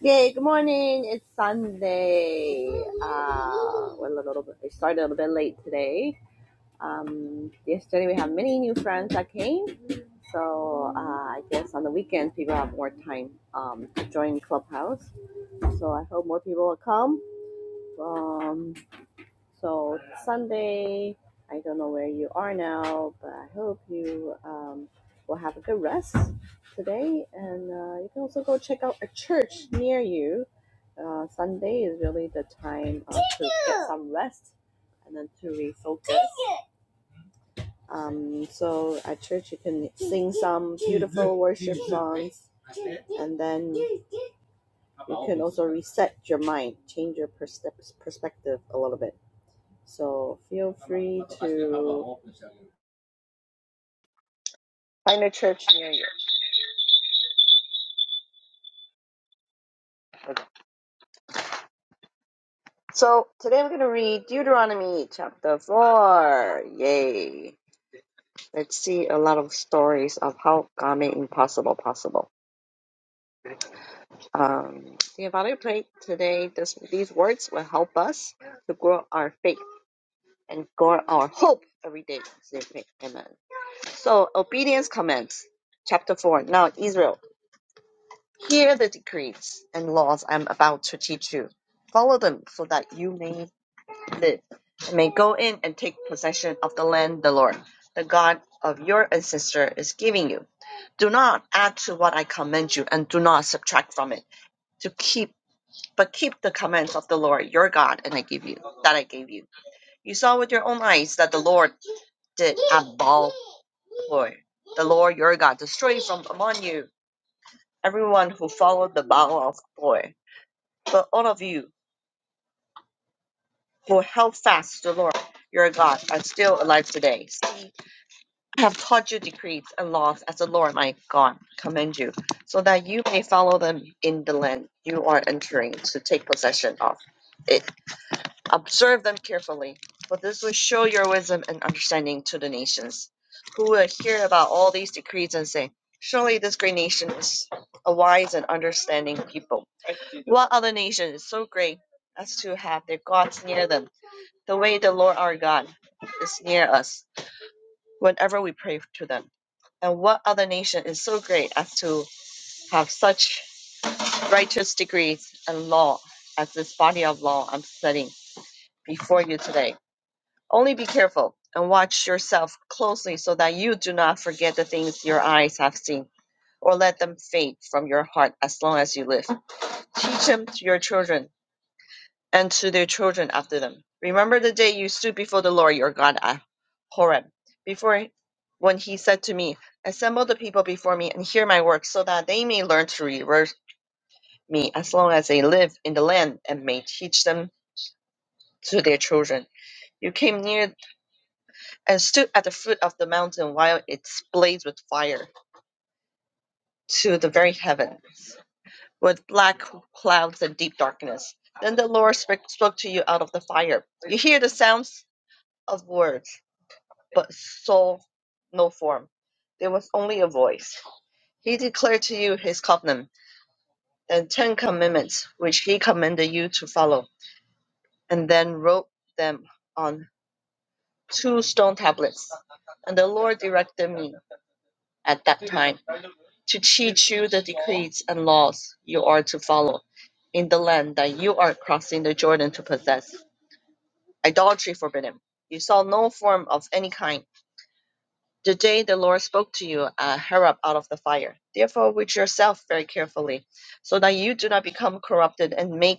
Yay, good morning. It's Sunday. Uh, we're a little bit, we started a little bit late today. Um, yesterday we had many new friends that came. So uh, I guess on the weekends people have more time um, to join Clubhouse. So I hope more people will come. Um, so it's Sunday, I don't know where you are now, but I hope you um, will have a good rest today. And uh, you can also go check out a church near you. Uh, Sunday is really the time uh, to get some rest and then to refocus. Um, so at church, you can sing some songs and then reset your mind, change your pers- perspective a little bit. So feel find a church near you. So today we're going to read Deuteronomy chapter 4. Yay. Let's see a lot of stories of how God made impossible possible. Um, dear Father, we pray today this, these words will help us to grow our faith and grow our hope every day. Amen. So obedience commence. Chapter 4. Now Israel, hear the decrees and laws I'm about to teach you. Follow them so that you may may go in and take possession of the land the Lord, the God of your ancestor, is giving you. Do not add to what I command you, and do not subtract from it. To keep, but keep the commands of the Lord your God, and I give you that I gave you. You saw with your own eyes that the Lord did at Baal Peor, the Lord your God, destroy from among you everyone who followed the Baal of Peor. But all of you who held fast to the Lord your God are still alive today. I have taught you decrees and laws as the Lord my God command you, so that you may follow them in the land you are entering to take possession of. It, observe them carefully, for this will show your wisdom and understanding to the nations, who will hear about all these decrees and say, Surely this great nation is a wise and understanding people. What other nation is so great as to have their gods near them, the way the Lord our God is near us? whenever we pray to them. And what other nation is so great as to have such righteous degrees and law as this body of law I'm setting before you today? Only be careful and watch yourself closely so that you do not forget the things your eyes have seen, or let them fade from your heart as long as you live. Teach them to your children and to their children after them. Remember the day you stood before the Lord your God at Horeb, before when he said to me, Assemble the people before me and hear my words, so that they may learn to revere me as long as they live in the land and may teach them to their children. You came near and stood at the foot of the mountain while it blazed with fire to the very heavens, with black clouds and deep darkness. Then the Lord spoke spoke to you out of the fire. You hear the sounds of words but saw no form. There was only a voice. He declared to you his covenant and ten commandments, which he commanded you to follow, and then wrote them on two stone tablets. And the Lord directed me at that time to teach you the decrees and laws you are to follow in the land that you are crossing the Jordan to possess. Idolatry forbidden. You saw no form of any kind The day the Lord spoke to you, uh, her up out of the fire. Therefore, watch yourself very carefully, so that you do not become corrupted and make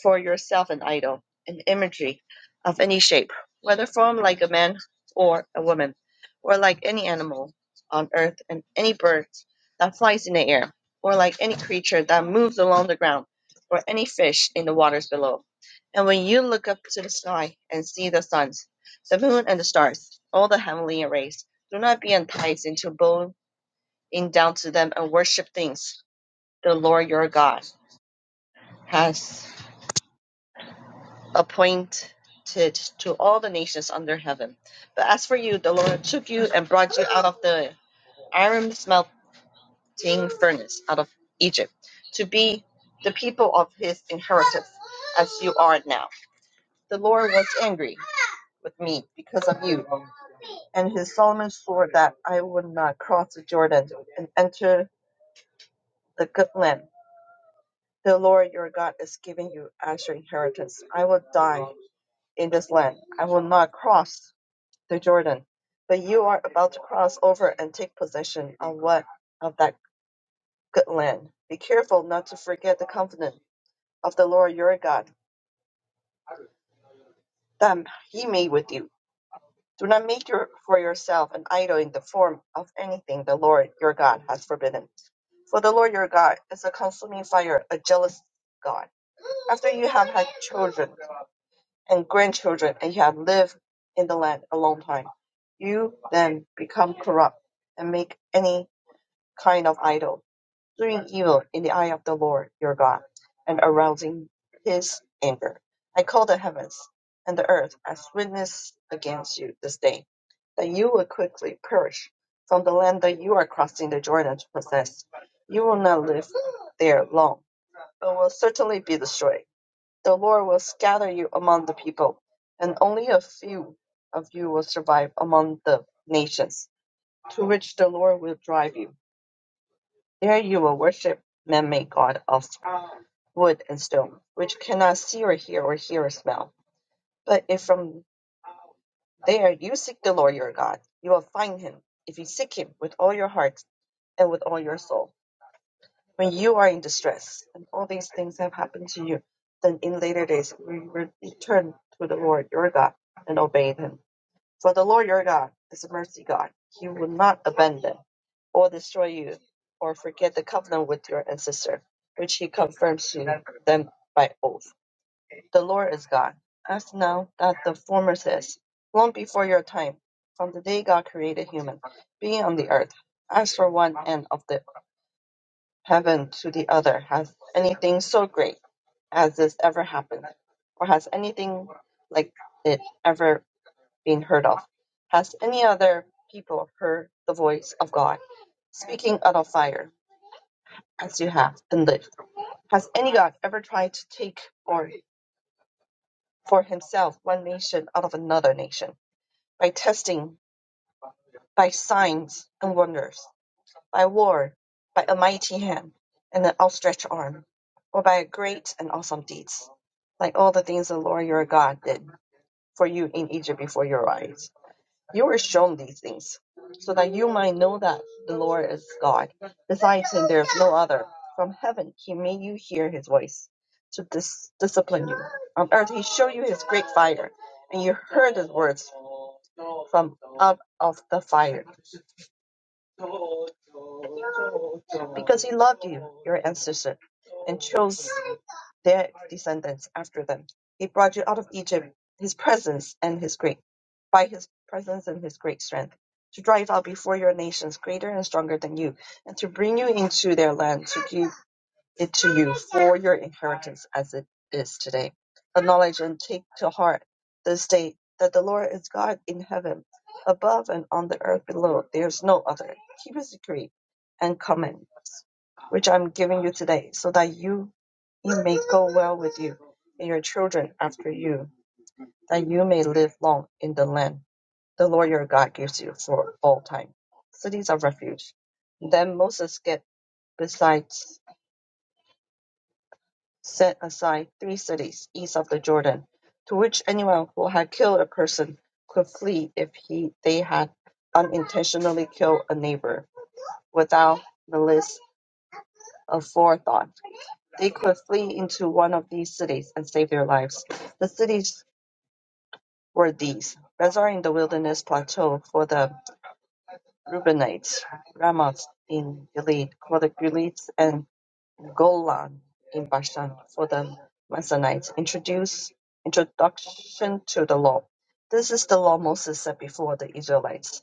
for yourself an idol, an imagery of any shape, whether formed like a man or a woman, or like any animal on earth and any bird that flies in the air, or like any creature that moves along the ground, or any fish in the waters below. And when you look up to the sky and see the suns, the moon and the stars, all the heavenly arrays, do not be enticed into bowing down to them and worship things the Lord your God has. appointed to all the nations under heaven. But as for you, the Lord took you and brought you out of the iron smelting furnace, out of Egypt, to be the people of his inheritance, as you are now. The Lord was angry with me because of you, and his Solomon swore that I would not cross the Jordan and enter the good land. The Lord your God is giving you as your inheritance. I will die in this land. I will not cross to Jordan, but you are about to cross over and take possession of what of that good land. Be careful not to forget the covenant of the Lord your God that He made with you. Do not make your, for yourself an idol in the form of anything the Lord your God has forbidden. For the Lord your God is a consuming fire, a jealous God. After you have had children and grandchildren, and you have lived in the land a long time, you then become corrupt and make any kind of idol, doing evil in the eye of the Lord your God, and arousing his anger. I call the heavens and the earth as witness against you this day, that you will quickly perish from the land that you are crossing the Jordan to possess. You will not live there long, but will certainly be destroyed. The Lord will scatter you among the people, and only a few of you will survive among the nations to which the Lord will drive you there you will worship and made God of wood and stone, which cannot see or hear or hear or smell. But if from there you seek the Lord your God, you will find him, if you seek him with all your heart and with all your soul. When you are in distress, and all these things have happened to you, then in later days we will return to the Lord your God and obey him. For the Lord your God is a mercy God. He will not abandon or destroy you or forget the covenant with your ancestor, which he confirms to them by oath. The Lord is God. As now that the former says, long before your time, from the day God created human, being on the earth, as for one end of the heaven to the other, has anything so great as this ever happened, or has anything like it ever been heard of. Has any other people heard the voice of God speaking out of fire as you have and lived? Has any God ever tried to take or for himself one nation out of another nation by testing, by signs and wonders, by war, by a mighty hand and an outstretched arm, or by great and awesome deeds, like all the things the Lord your God did for you in Egypt before your eyes? You were shown these things, so that you might know that the Lord is God. Besides him, there is no other. From heaven he made you hear his voice to dis- discipline you. On earth he showed you his great fire, and you heard his words from out of the fire because he loved you, your ancestor, and chose their descendants after them. He brought you out of Egypt, his presence and his great by his presence and his great strength, to drive out before your nations greater and stronger than you, and to bring you into their land to give it to you for your inheritance as it is today. Acknowledge and take to heart the state that the Lord is God in heaven, above and on the earth below. There is no other. Keep his decree and commandments, which I'm giving you today, so that you it may go well with you and your children after you, that you may live long in the land the Lord your God gives you for all time. Cities of refuge. Then Moses get beside set aside three cities east of the Jordan, to which anyone who had killed a person could flee if he they had unintentionally killed a neighbor without malice aforethought. They could flee into one of these cities and save their lives. The cities were these Bezer in the wilderness plateau for the Reubenites, Ramoth in Gilead for the Gileadites, and. Golan in Bashan for the Mennonites introduce introduction to the law. This is the law Moses set before the Israelites.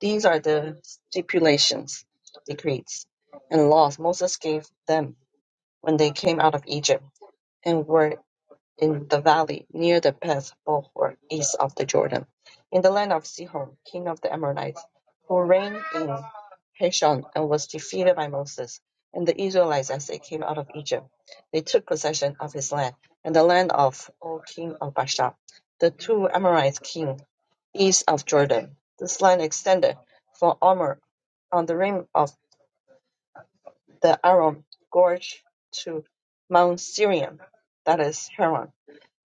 These are the stipulations, decrees, and laws Moses gave them when they came out of Egypt and were in the valley near the path Bohor, east of the Jordan, in the land of Sihon, king of the Amorites, who reigned in Heshon and was defeated by Moses and the Israelites as they came out of Egypt. They took possession of his land and the land of O king of Bashan, the two Amorite king east of Jordan. This land extended from Omer on the rim of the Aram Gorge to Mount Sirion, that is Haran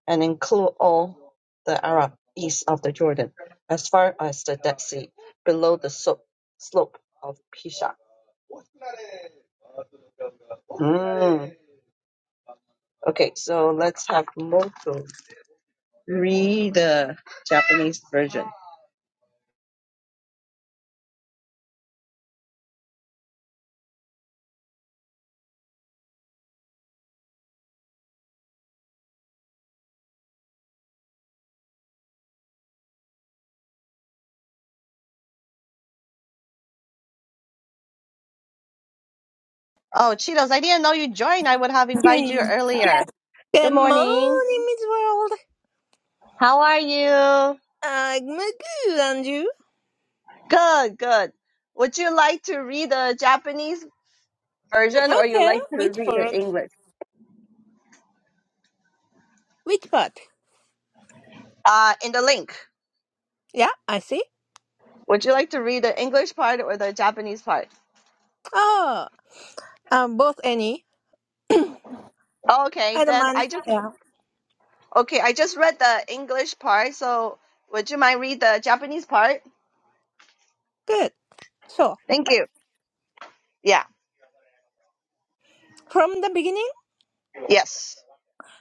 and include all the Arab east of the Jordan, as far as the Dead Sea, below the so- slope of Pisa. Mm. Okay, so let's have Moto read the Japanese version. Oh, Cheetos, I didn't know you joined. I would have invited Okay. you earlier. Good Good morning. morning, Miss World. How are you? I'm good, and you? Good, good. Would you like to read the Japanese version or you Okay, like to which read the part? English? Which part? uh, in the link. Yeah, I see. Would you like to read the English part or the Japanese part? Oh, um, both any. Okay, I don't then mind. I just Yeah, okay. I just read the English part, so would you mind read the Japanese part? good. So, Thank you. Yeah. from the beginning? Yes.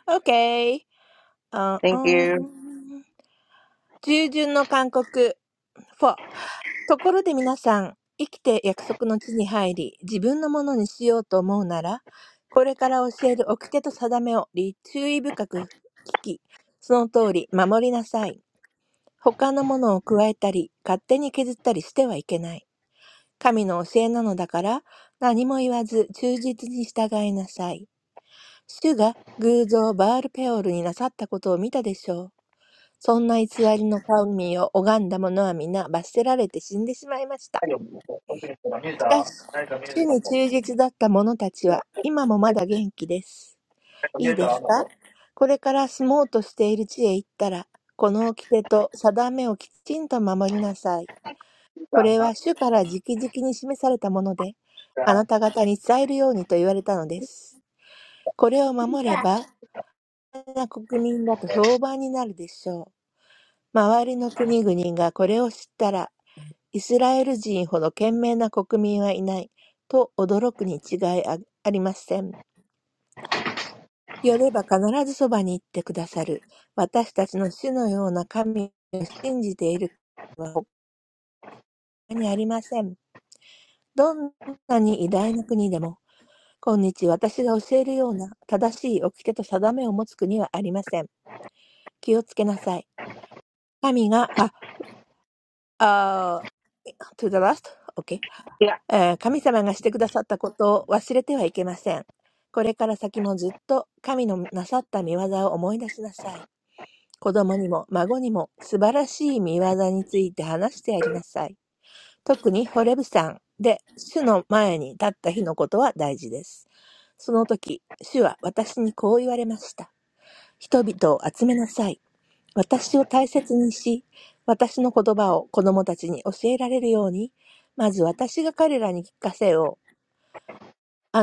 Okay. Uh, Thank you. um, 従順の韓国 4. ところで皆さん、生きて約束の地に入り、自分のものにしようと思うなら、これから教える掟と定めを注意深く聞き、その通り守りなさい。他のものを加えたり、勝手に削ったりしてはいけない。神の教えなのだから、何も言わず忠実に従いなさい。主が偶像バールペオルになさったことを見たでしょう。そんな偽りの神を拝んだ者は皆罰せられて死んでしまいました。しかし、主に忠実だった者たちは、今もまだ元気です。いいですかこれから住もうとしている地へ行ったら、この掟と定めをきちんと守りなさい。これは主から直々に示されたもので、あなた方に伝えるようにと言われたのです。これを守れば、国民だと評判になるでしょう。周りの国々がこれを知ったら イスラエル人ほど賢明な国民はいない、と驚くに違いあありません。呼べば必ずそばに行ってくださる。私たちの主のような神を信じている国は他にありません。どんなに偉大な国でも、今日私が教えるような正しい掟と定めを持つ国はありません。気をつけなさい。神が、あ、あ、to the last? Okay. えー神様がしてくださったことを忘れてはいけません。これから先もずっと神のなさった見業を思い出しなさい。子供にも孫にも素晴らしい見業について話してやりなさい。特にホレブ山で主の前に立った日のことは大事です。その時、主は私にこう言われました。人々を集めなさい。私を大切にし、私の言葉を子供たちに教えられるように、まず私が彼らに聞かせよう。あなた方は麓に立っていましたが、山には黒雲が垂れ込めて真っ暗で、赤々と火に包まれ、炎は天を焦がしていました。その時、炎の中から主の声が聞こえたのです。お姿は全く見えません。そこで主は行うべきこととして十回をお示しになり、それを二枚の石板に記されました。そしてそれをあなた方に与えるよう私に命じられたのです。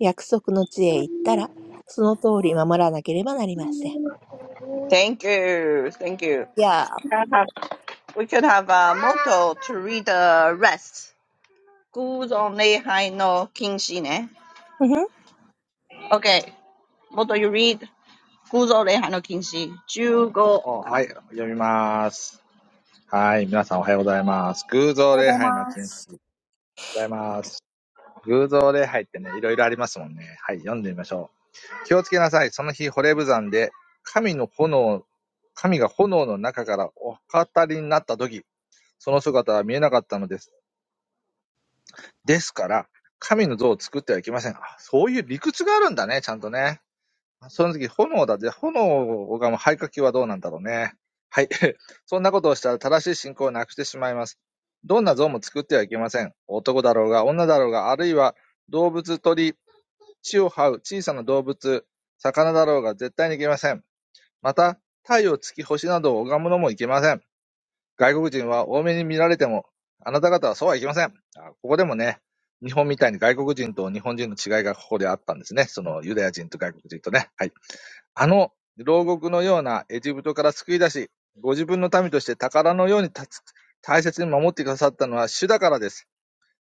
約束の地へ行ったら、その通り守らなければなりません。Yeah. Thank you. Thank you. We could have a motto to read the rest. Good morning, no kinsin. Okay, motto you read. Good morning, no kinsin. 15. Oh, はい、読みます。はい、皆さんおはようございます。Good morning, no kinsin. 約束の地へ行ったら、その通り守らなければなりません。やあ、ふふんすぐさま。ございます。Good morning. ってね、いろいろありますもんね。はい、読んでみましょう。気をつけなさい。その日、ホレブザンで、神の炎、神が炎の中からお飾りになった時、その姿は見えなかったのです。ですから、神の像を作ってはいけません。あそういう理屈があるんだね、ちゃんとね。その時、炎だぜ。炎がもう肺活球はどうなんだろうね。はい。そんなことをしたら正しい信仰をなくしてしまいます。どんな像も作ってはいけません。男だろうが、女だろうが、あるいは動物、鳥、地を這う小さな動物、魚だろうが絶対にいけません。また、太陽、月、星などを拝むのもいけません。外国人は大目に見られても、あなた方はそうはいきません。あここでもね、日本みたいに外国人と日本人の違いがここであったんですね。そのユダヤ人と外国人とね。はい。あの牢獄のようなエジプトから救い出し、ご自分の民として宝のようにたつ大切に守ってくださったのは主だからです。しかし、良くないこともありました。あなた方のことで、私は、私は、主の怒りを買い、ヨルダン川を渡って約束の地へ行けなくなったのです。ああ、そうなんだね。モーセさんはこれで、行けないと。ヨルダン川を渡れないと。ここで言われたんですね。あなた方は、あの素晴らしい地を与えられますが、私はヨルダン川を渡らずに、渡れずに死ななければなりません。困ったね。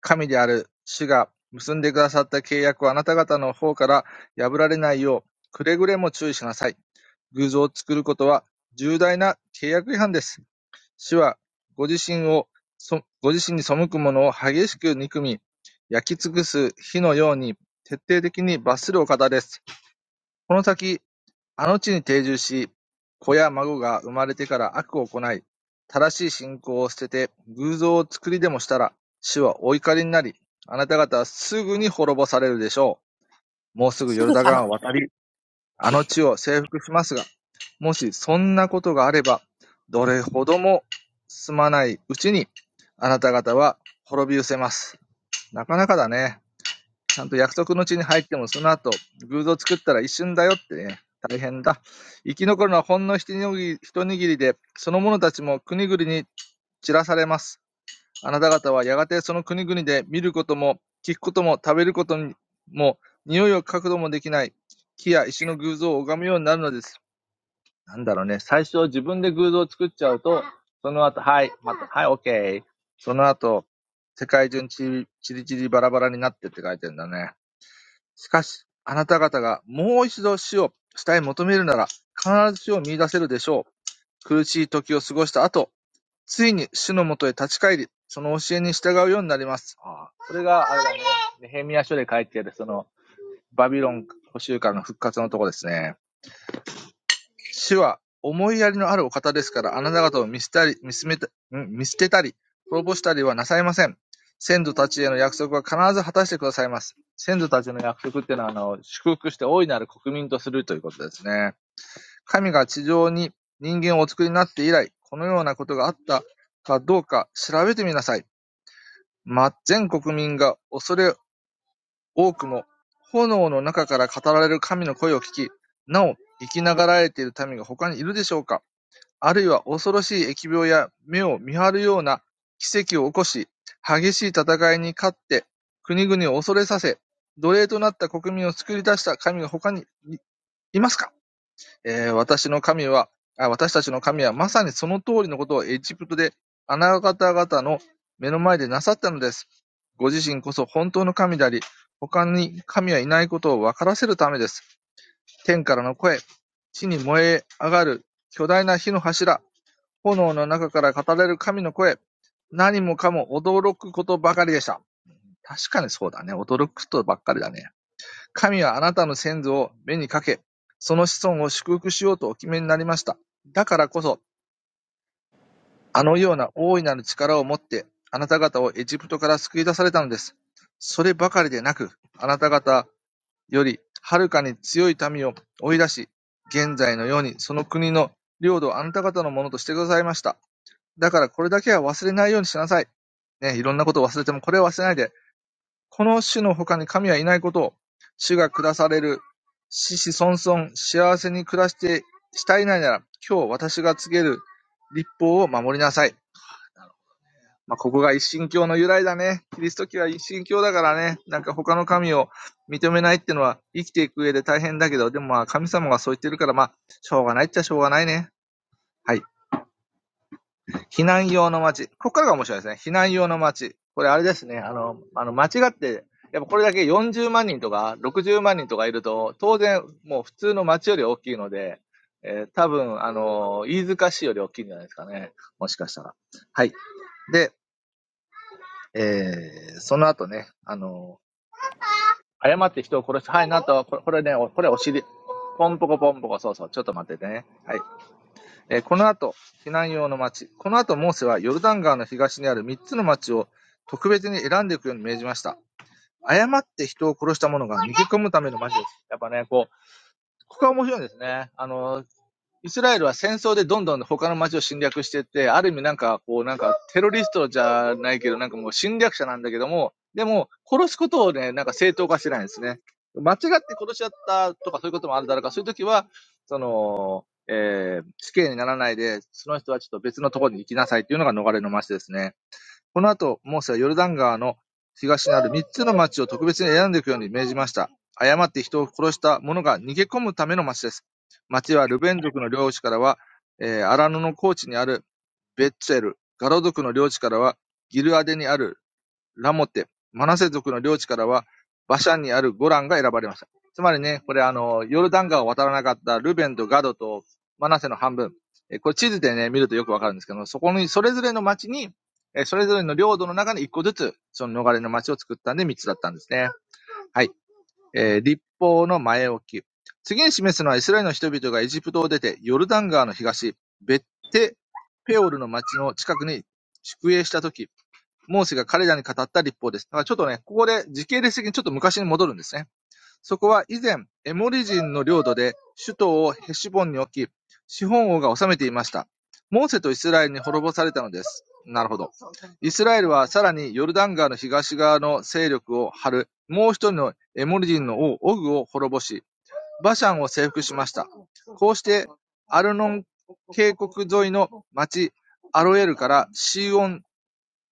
神である主が結んでくださった契約をあなた方の方から破られないよう、くれぐれも注意しなさい。偶像を作ることは重大な契約違反です。主はご自身を、そご自身に背く者を激しく憎み、焼き尽くす火のように徹底的に罰するお方です。この先、あの地に定住し、子や孫が生まれてから悪を行い、正しい信仰を捨てて、偶像を作りでもしたら、主はお怒りになり、あなた方はすぐに滅ぼされるでしょう。もうすぐヨルダ川を渡り、あの地を征服しますが、もしそんなことがあれば、どれほどもすまないうちに、あなた方は滅び失せます。なかなかだね。ちゃんと約束の地に入ってもその後、偶像作ったら一瞬だよってね、大変だ。生き残るのはほんの一握り一握りで、その者たちも国々に散らされます。あなた方はやがてその国々で見ることも、聞くことも、食べることも、匂いを嗅ぐこともできない、木や石の偶像を拝むようになるのです。なんだろうね、最初自分で偶像を作っちゃうと、その後、はい、また、はい、オッケー。その後、世界中にちりちりばらばらになってって書いてんだね。しかし、あなた方がもう一度死を下へ求めるなら、必ず死を見出せるでしょう。苦しい時を過ごした後、ついに死のもとへ立ち返り、その教えに従うようになります。ああこれが、あれだね。ネヘミヤ書で書いてある、その、バビロン補修館の復活のとこですね。主は思いやりのあるお方ですから、あなた方を見捨てたり、見すめたん見捨てたり、滅ぼしたりはなさいません。先祖たちへの約束は必ず果たしてくださいます。先祖たちの約束っていうのは、あの、祝福して大いなる国民とするということですね。神が地上に人間をお作りになって以来、このようなことがあったかどうか調べてみなさい。ま、全国民が恐れ多くも、炎の中から語られる神の声を聞き、なお生きながらえている民が他にいるでしょうかあるいは恐ろしい疫病や目を見張るような奇跡を起こし、激しい戦いに勝って、国々を恐れさせ、奴隷となった国民を作り出した神が他にいいますか、えー私の神は、あ私たちの神はまさにその通りのことをエジプトであなた方の目の前でなさったのです。ご自身こそ本当の神であり、他に神はいないことを分からせるためです。天からの声、地に燃え上がる巨大な火の柱、炎の中から語られる神の声。何もかも驚くことばかりでした。確かにそうだね。驚くことばっかりだね。神はあなたの先祖を目にかけ、その子孫を祝福しようとお決めになりました。だからこそ、あのような大いなる力を持って、あなた方をエジプトから救い出されたのです。そればかりでなく、あなた方よりはるかに強い民を追い出し、現在のようにその国の領土をあなた方のものとしてくださいました。だからこれだけは忘れないようにしなさい。ね、いろんなことを忘れてもこれを忘れないで、この主の他に神はいないことを、主が下される、子々孫々幸せに暮らしてしたいないなら、今日私が告げる立法を守りなさい。まあ、ここが一神教の由来だね。キリスト教は一神教だからね、なんか他の神を認めないってのは生きていく上で大変だけど、でもまあ神様がそう言ってるから、まあ、しょうがないっちゃしょうがないね。はい。避難用の街。ここからが面白いですね。避難用の街。これあれですね。あの、あの間違って、やっぱこれだけ40万人とか60万人とかいると、当然もう普通の街より大きいので、えー多分、あの、飯塚市より大きいんじゃないですかね。もしかしたら。はい。で、えー、その後ね、あの、誤って人を殺す。はい、なんと、これこれね、これお尻。ポンポコポンポコ、そうそう、ちょっと待っててね。はい。えーこの後避難用の町この後モーセはヨルタン川の東にあるイスラエルは戦争でどんどん他の街を侵略していって、ある意味なんかこうなんかテロリストじゃないけど、なんかもう侵略者なんだけども、でも殺すことをね、なんか正当化してないんですね。間違って殺しちゃったとかそういうこともあるだろうから、そういう時は、その、えー死刑にならないで、その人はちょっと別のところに行きなさいっていうのが逃れの町ですね。この後、モーセはヨルダン川の東にある三つの町を特別に選んでおくように命じました。誤って人を殺した者が逃げ込むための町です。町はルベン族の領地からは、えーアラノの高地にあるベッツェル、ガロ族の領地からはギルアデにあるラモテ、マナセ族の領地からは、バシャンにあるゴランが選ばれました。つまりね、これあの、ヨルダン川を渡らなかったルベンとガドとマナセの半分。えこれ地図でね、見るとよくわかるんですけど、そこに、それぞれの町に、えそれぞれの領土の中に一個ずつ、その逃れの町を作ったんで三つだったんですね。はい。えー立法の前置き。次に示すのはイスラエルの人々がエジプトを出て、ヨルダン川の東、ベッテペオルの町の近くに宿営した時モーセが彼らに語った立法です。だからちょっとね、ここで時系列的にちょっと昔に戻るんですね。そこは以前、エモリ人の領土で首都をヘシボンに置き、資本王が治めていました。モーセとイスラエルに滅ぼされたのです。なるほど。イスラエルはさらにヨルダン川の東側の勢力を張る、もう一人のエモリ人の王オグを滅ぼし、バシャンを征服しました。こうして、アルノン渓谷沿いの町、アロエルからシーオン very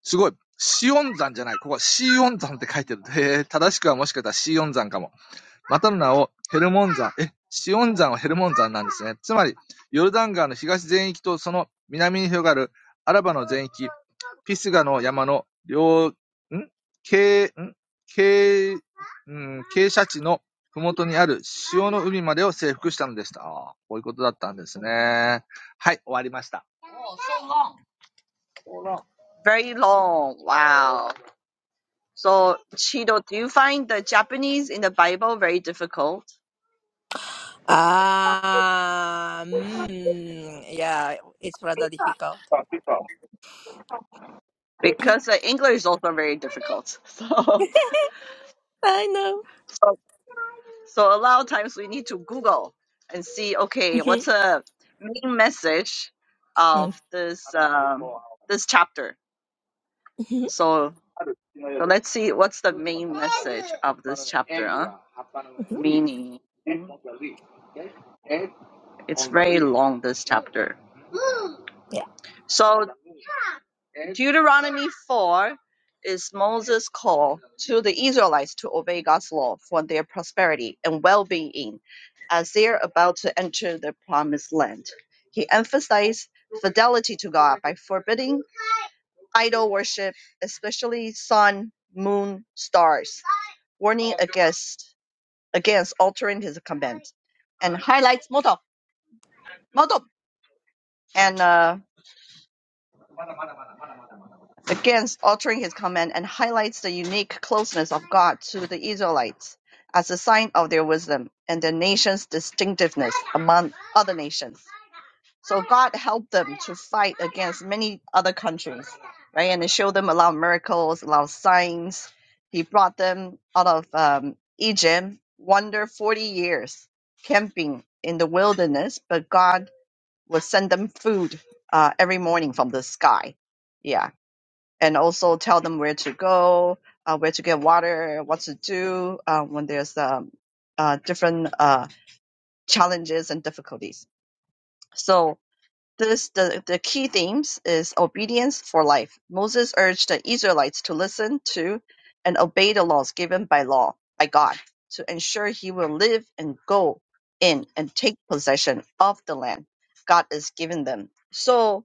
long. Wow. So, Chido, do you find the Japanese in the Bible very difficult? Ah, mm, yeah, it's rather difficult. Because the English is also very difficult. I know. So, so, so a lot of times we need to Google and see, okay, what's a main message of うんふんうんうんふんうんふん this um, this chapter? So, so let's see what's the message of the along this chapter. Yeah, So. Deuteronomy 4 is Moses' call to the Israelites to obey God's law for their prosperity and well being as they are about to enter the promised land. He emphasized fidelity to God by forbidding idol worship, especially sun, moon, stars, warning against against altering his command, and highlights Moto, Moto, and uh, against altering his command and highlights the unique closeness of God to the Israelites as a sign of their wisdom and their nation's distinctiveness among other nations. So God helped them to fight against many other countries, right? And He showed them a lot of miracles, a lot of signs. He brought them out of um, Egypt, wander 40 years camping in the wilderness, but God will send them food uh, every morning from the sky. Yeah. And also tell them where to go, uh, where to get water, what to do uh, when there's um, uh, different uh, challenges and difficulties. So this the, the key themes is obedience for life. Moses urged the Israelites to listen to and obey the laws given by law by God to ensure he will live and go in and take possession of the land God is giving them. So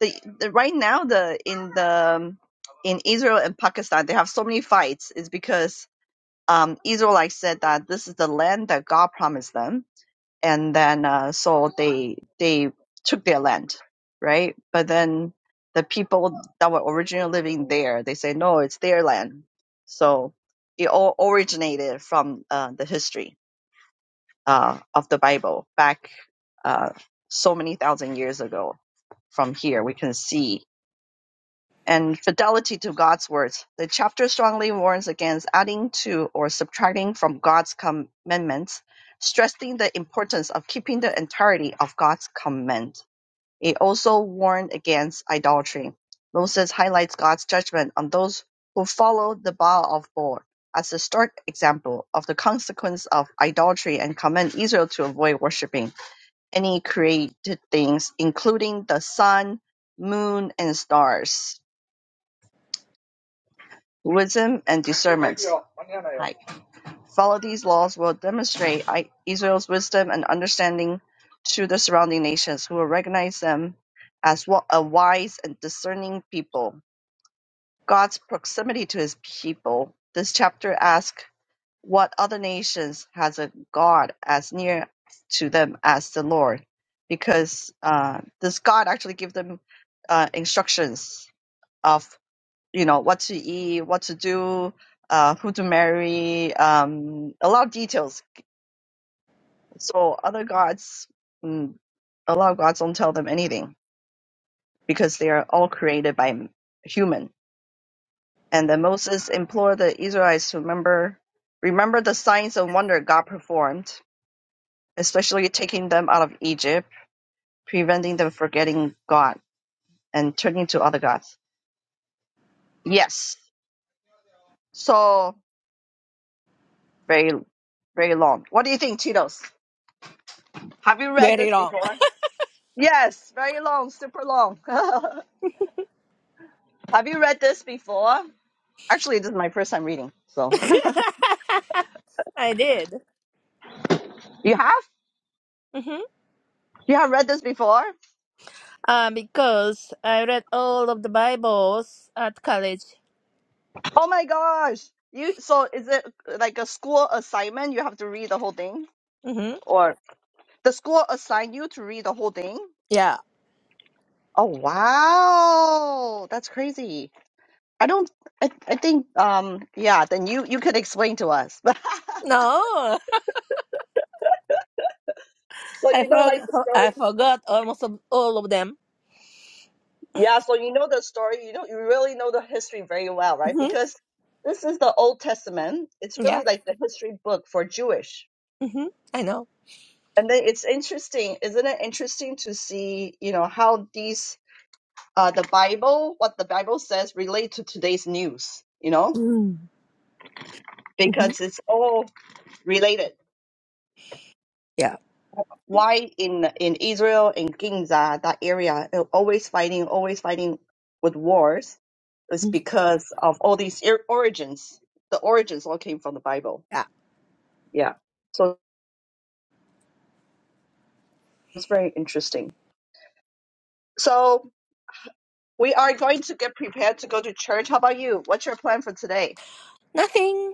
the, the right now the in the um, in Israel and Pakistan they have so many fights is because um Israelites said that this is the land that God promised them and then uh, so they they took their land, right? But then the people that were originally living there, they say no, it's their land. So it all originated from uh, the history uh, of the Bible back uh, so many thousand years ago. From here, we can see and fidelity to God's words. The chapter strongly warns against adding to or subtracting from God's commandments, stressing the importance of keeping the entirety of God's command. It also warned against idolatry. Moses highlights God's judgment on those who follow the Baal of Bor as a stark example of the consequence of idolatry and command Israel to avoid worshipping any created things, including the sun, moon, and stars. Wisdom and discernment. Like, follow these laws will demonstrate I- Israel's wisdom and understanding to the surrounding nations, who will recognize them as wa- a wise and discerning people. God's proximity to His people. This chapter asks, "What other nations has a God as near to them as the Lord?" Because uh, this God actually give them uh, instructions of you know, what to eat, what to do, uh, who to marry, um, a lot of details. So other gods, mm, a lot of gods don't tell them anything because they are all created by m- human. And then Moses implored the Israelites to remember, remember the signs and wonder God performed, especially taking them out of Egypt, preventing them forgetting God and turning to other gods. Yes. So very, very long. What do you think, Cheetos? Have you read very this long. before? Yes, very long, super long. have you read this before? Actually, this is my first time reading. So I did. you have うんふん you have read this before? Uh, because I read all of the Bibles at college. Oh my gosh! You so is it like a school assignment? You have to read the whole thing, うんふん or the school assign you to read the whole thing? Yeah. Oh wow, that's crazy. I don't. I, I think um yeah. Then you you could explain to us. No, so I you know like forgot. the I story. forgot almost of all of them. Yeah, so you know the story, you know, you really know the history very well, right? Mhm, Because this is the Old Testament. It's Yeah, really like the history book for Jewish. mhm, I know. And then it's interesting, isn't it interesting to see, you know, how these uh the Bible, what the Bible says relate to today's news, you know? Mm. hmm Because it's all related. Yeah. why in in Israel and Ginza that area they're always fighting, always fighting with wars is hmm because of all these ir- origins. The origins all came from the Bible. Yeah. Yeah, so it's very interesting. So we are going to get prepared to go to church. How about you? What's your plan for today? Nothing.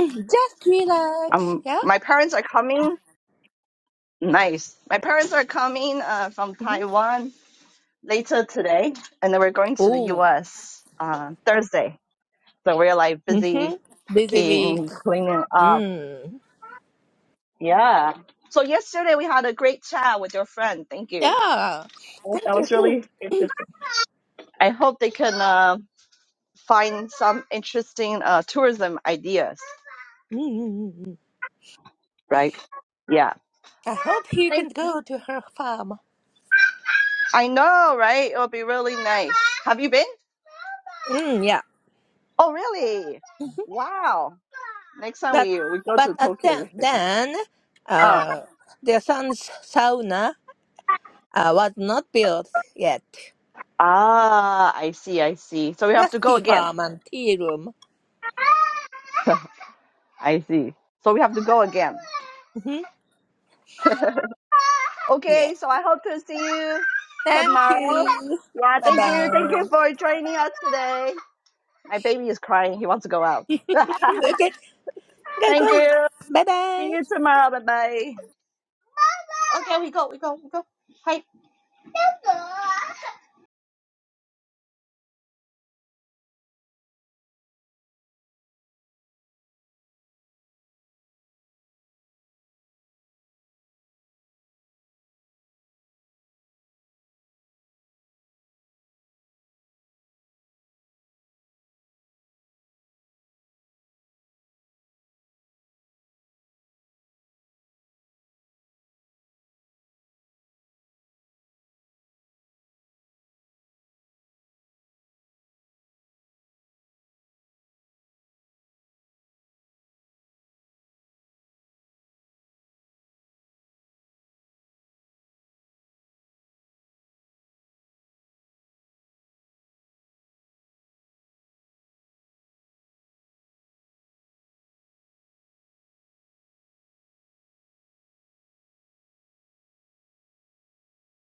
Mhm. Just relax. Um, Yeah. my parents are coming. Nice. My parents are coming uh, from hmm Taiwan later today, and then we're going to the Oh. U.S. Uh, Thursday. So we're like busy hmm Busy week. packing, cleaning up. Mm. Yeah. So yesterday we had a great chat with your friend. Thank you. Yeah. Thank That you was too. really interesting. I hope they can uh, find some interesting uh, tourism ideas. Mm-hmm. Right. Yeah. I hope you can Thank- go to her farm. I know, right? It'll be really nice. Have you been? Mm, yeah. Oh, really? hmm Wow. Next time But we we go but to at Tokyo, we then should. then Uh, uh their son's sauna uh, was not built yet. ah, I see, I see. So we have Just to go tea again. farm and tea room. I see. So we have to go again. hmm Okay, Yeah. so I hope to see you Thank tomorrow. you. Yeah, Bye thank you. Thank bye. you for joining us today. My baby is crying. He wants to go out. Go, thank go. you. Bye See bye. you tomorrow. Bye bye. Okay, we go, we go, we go. Hi.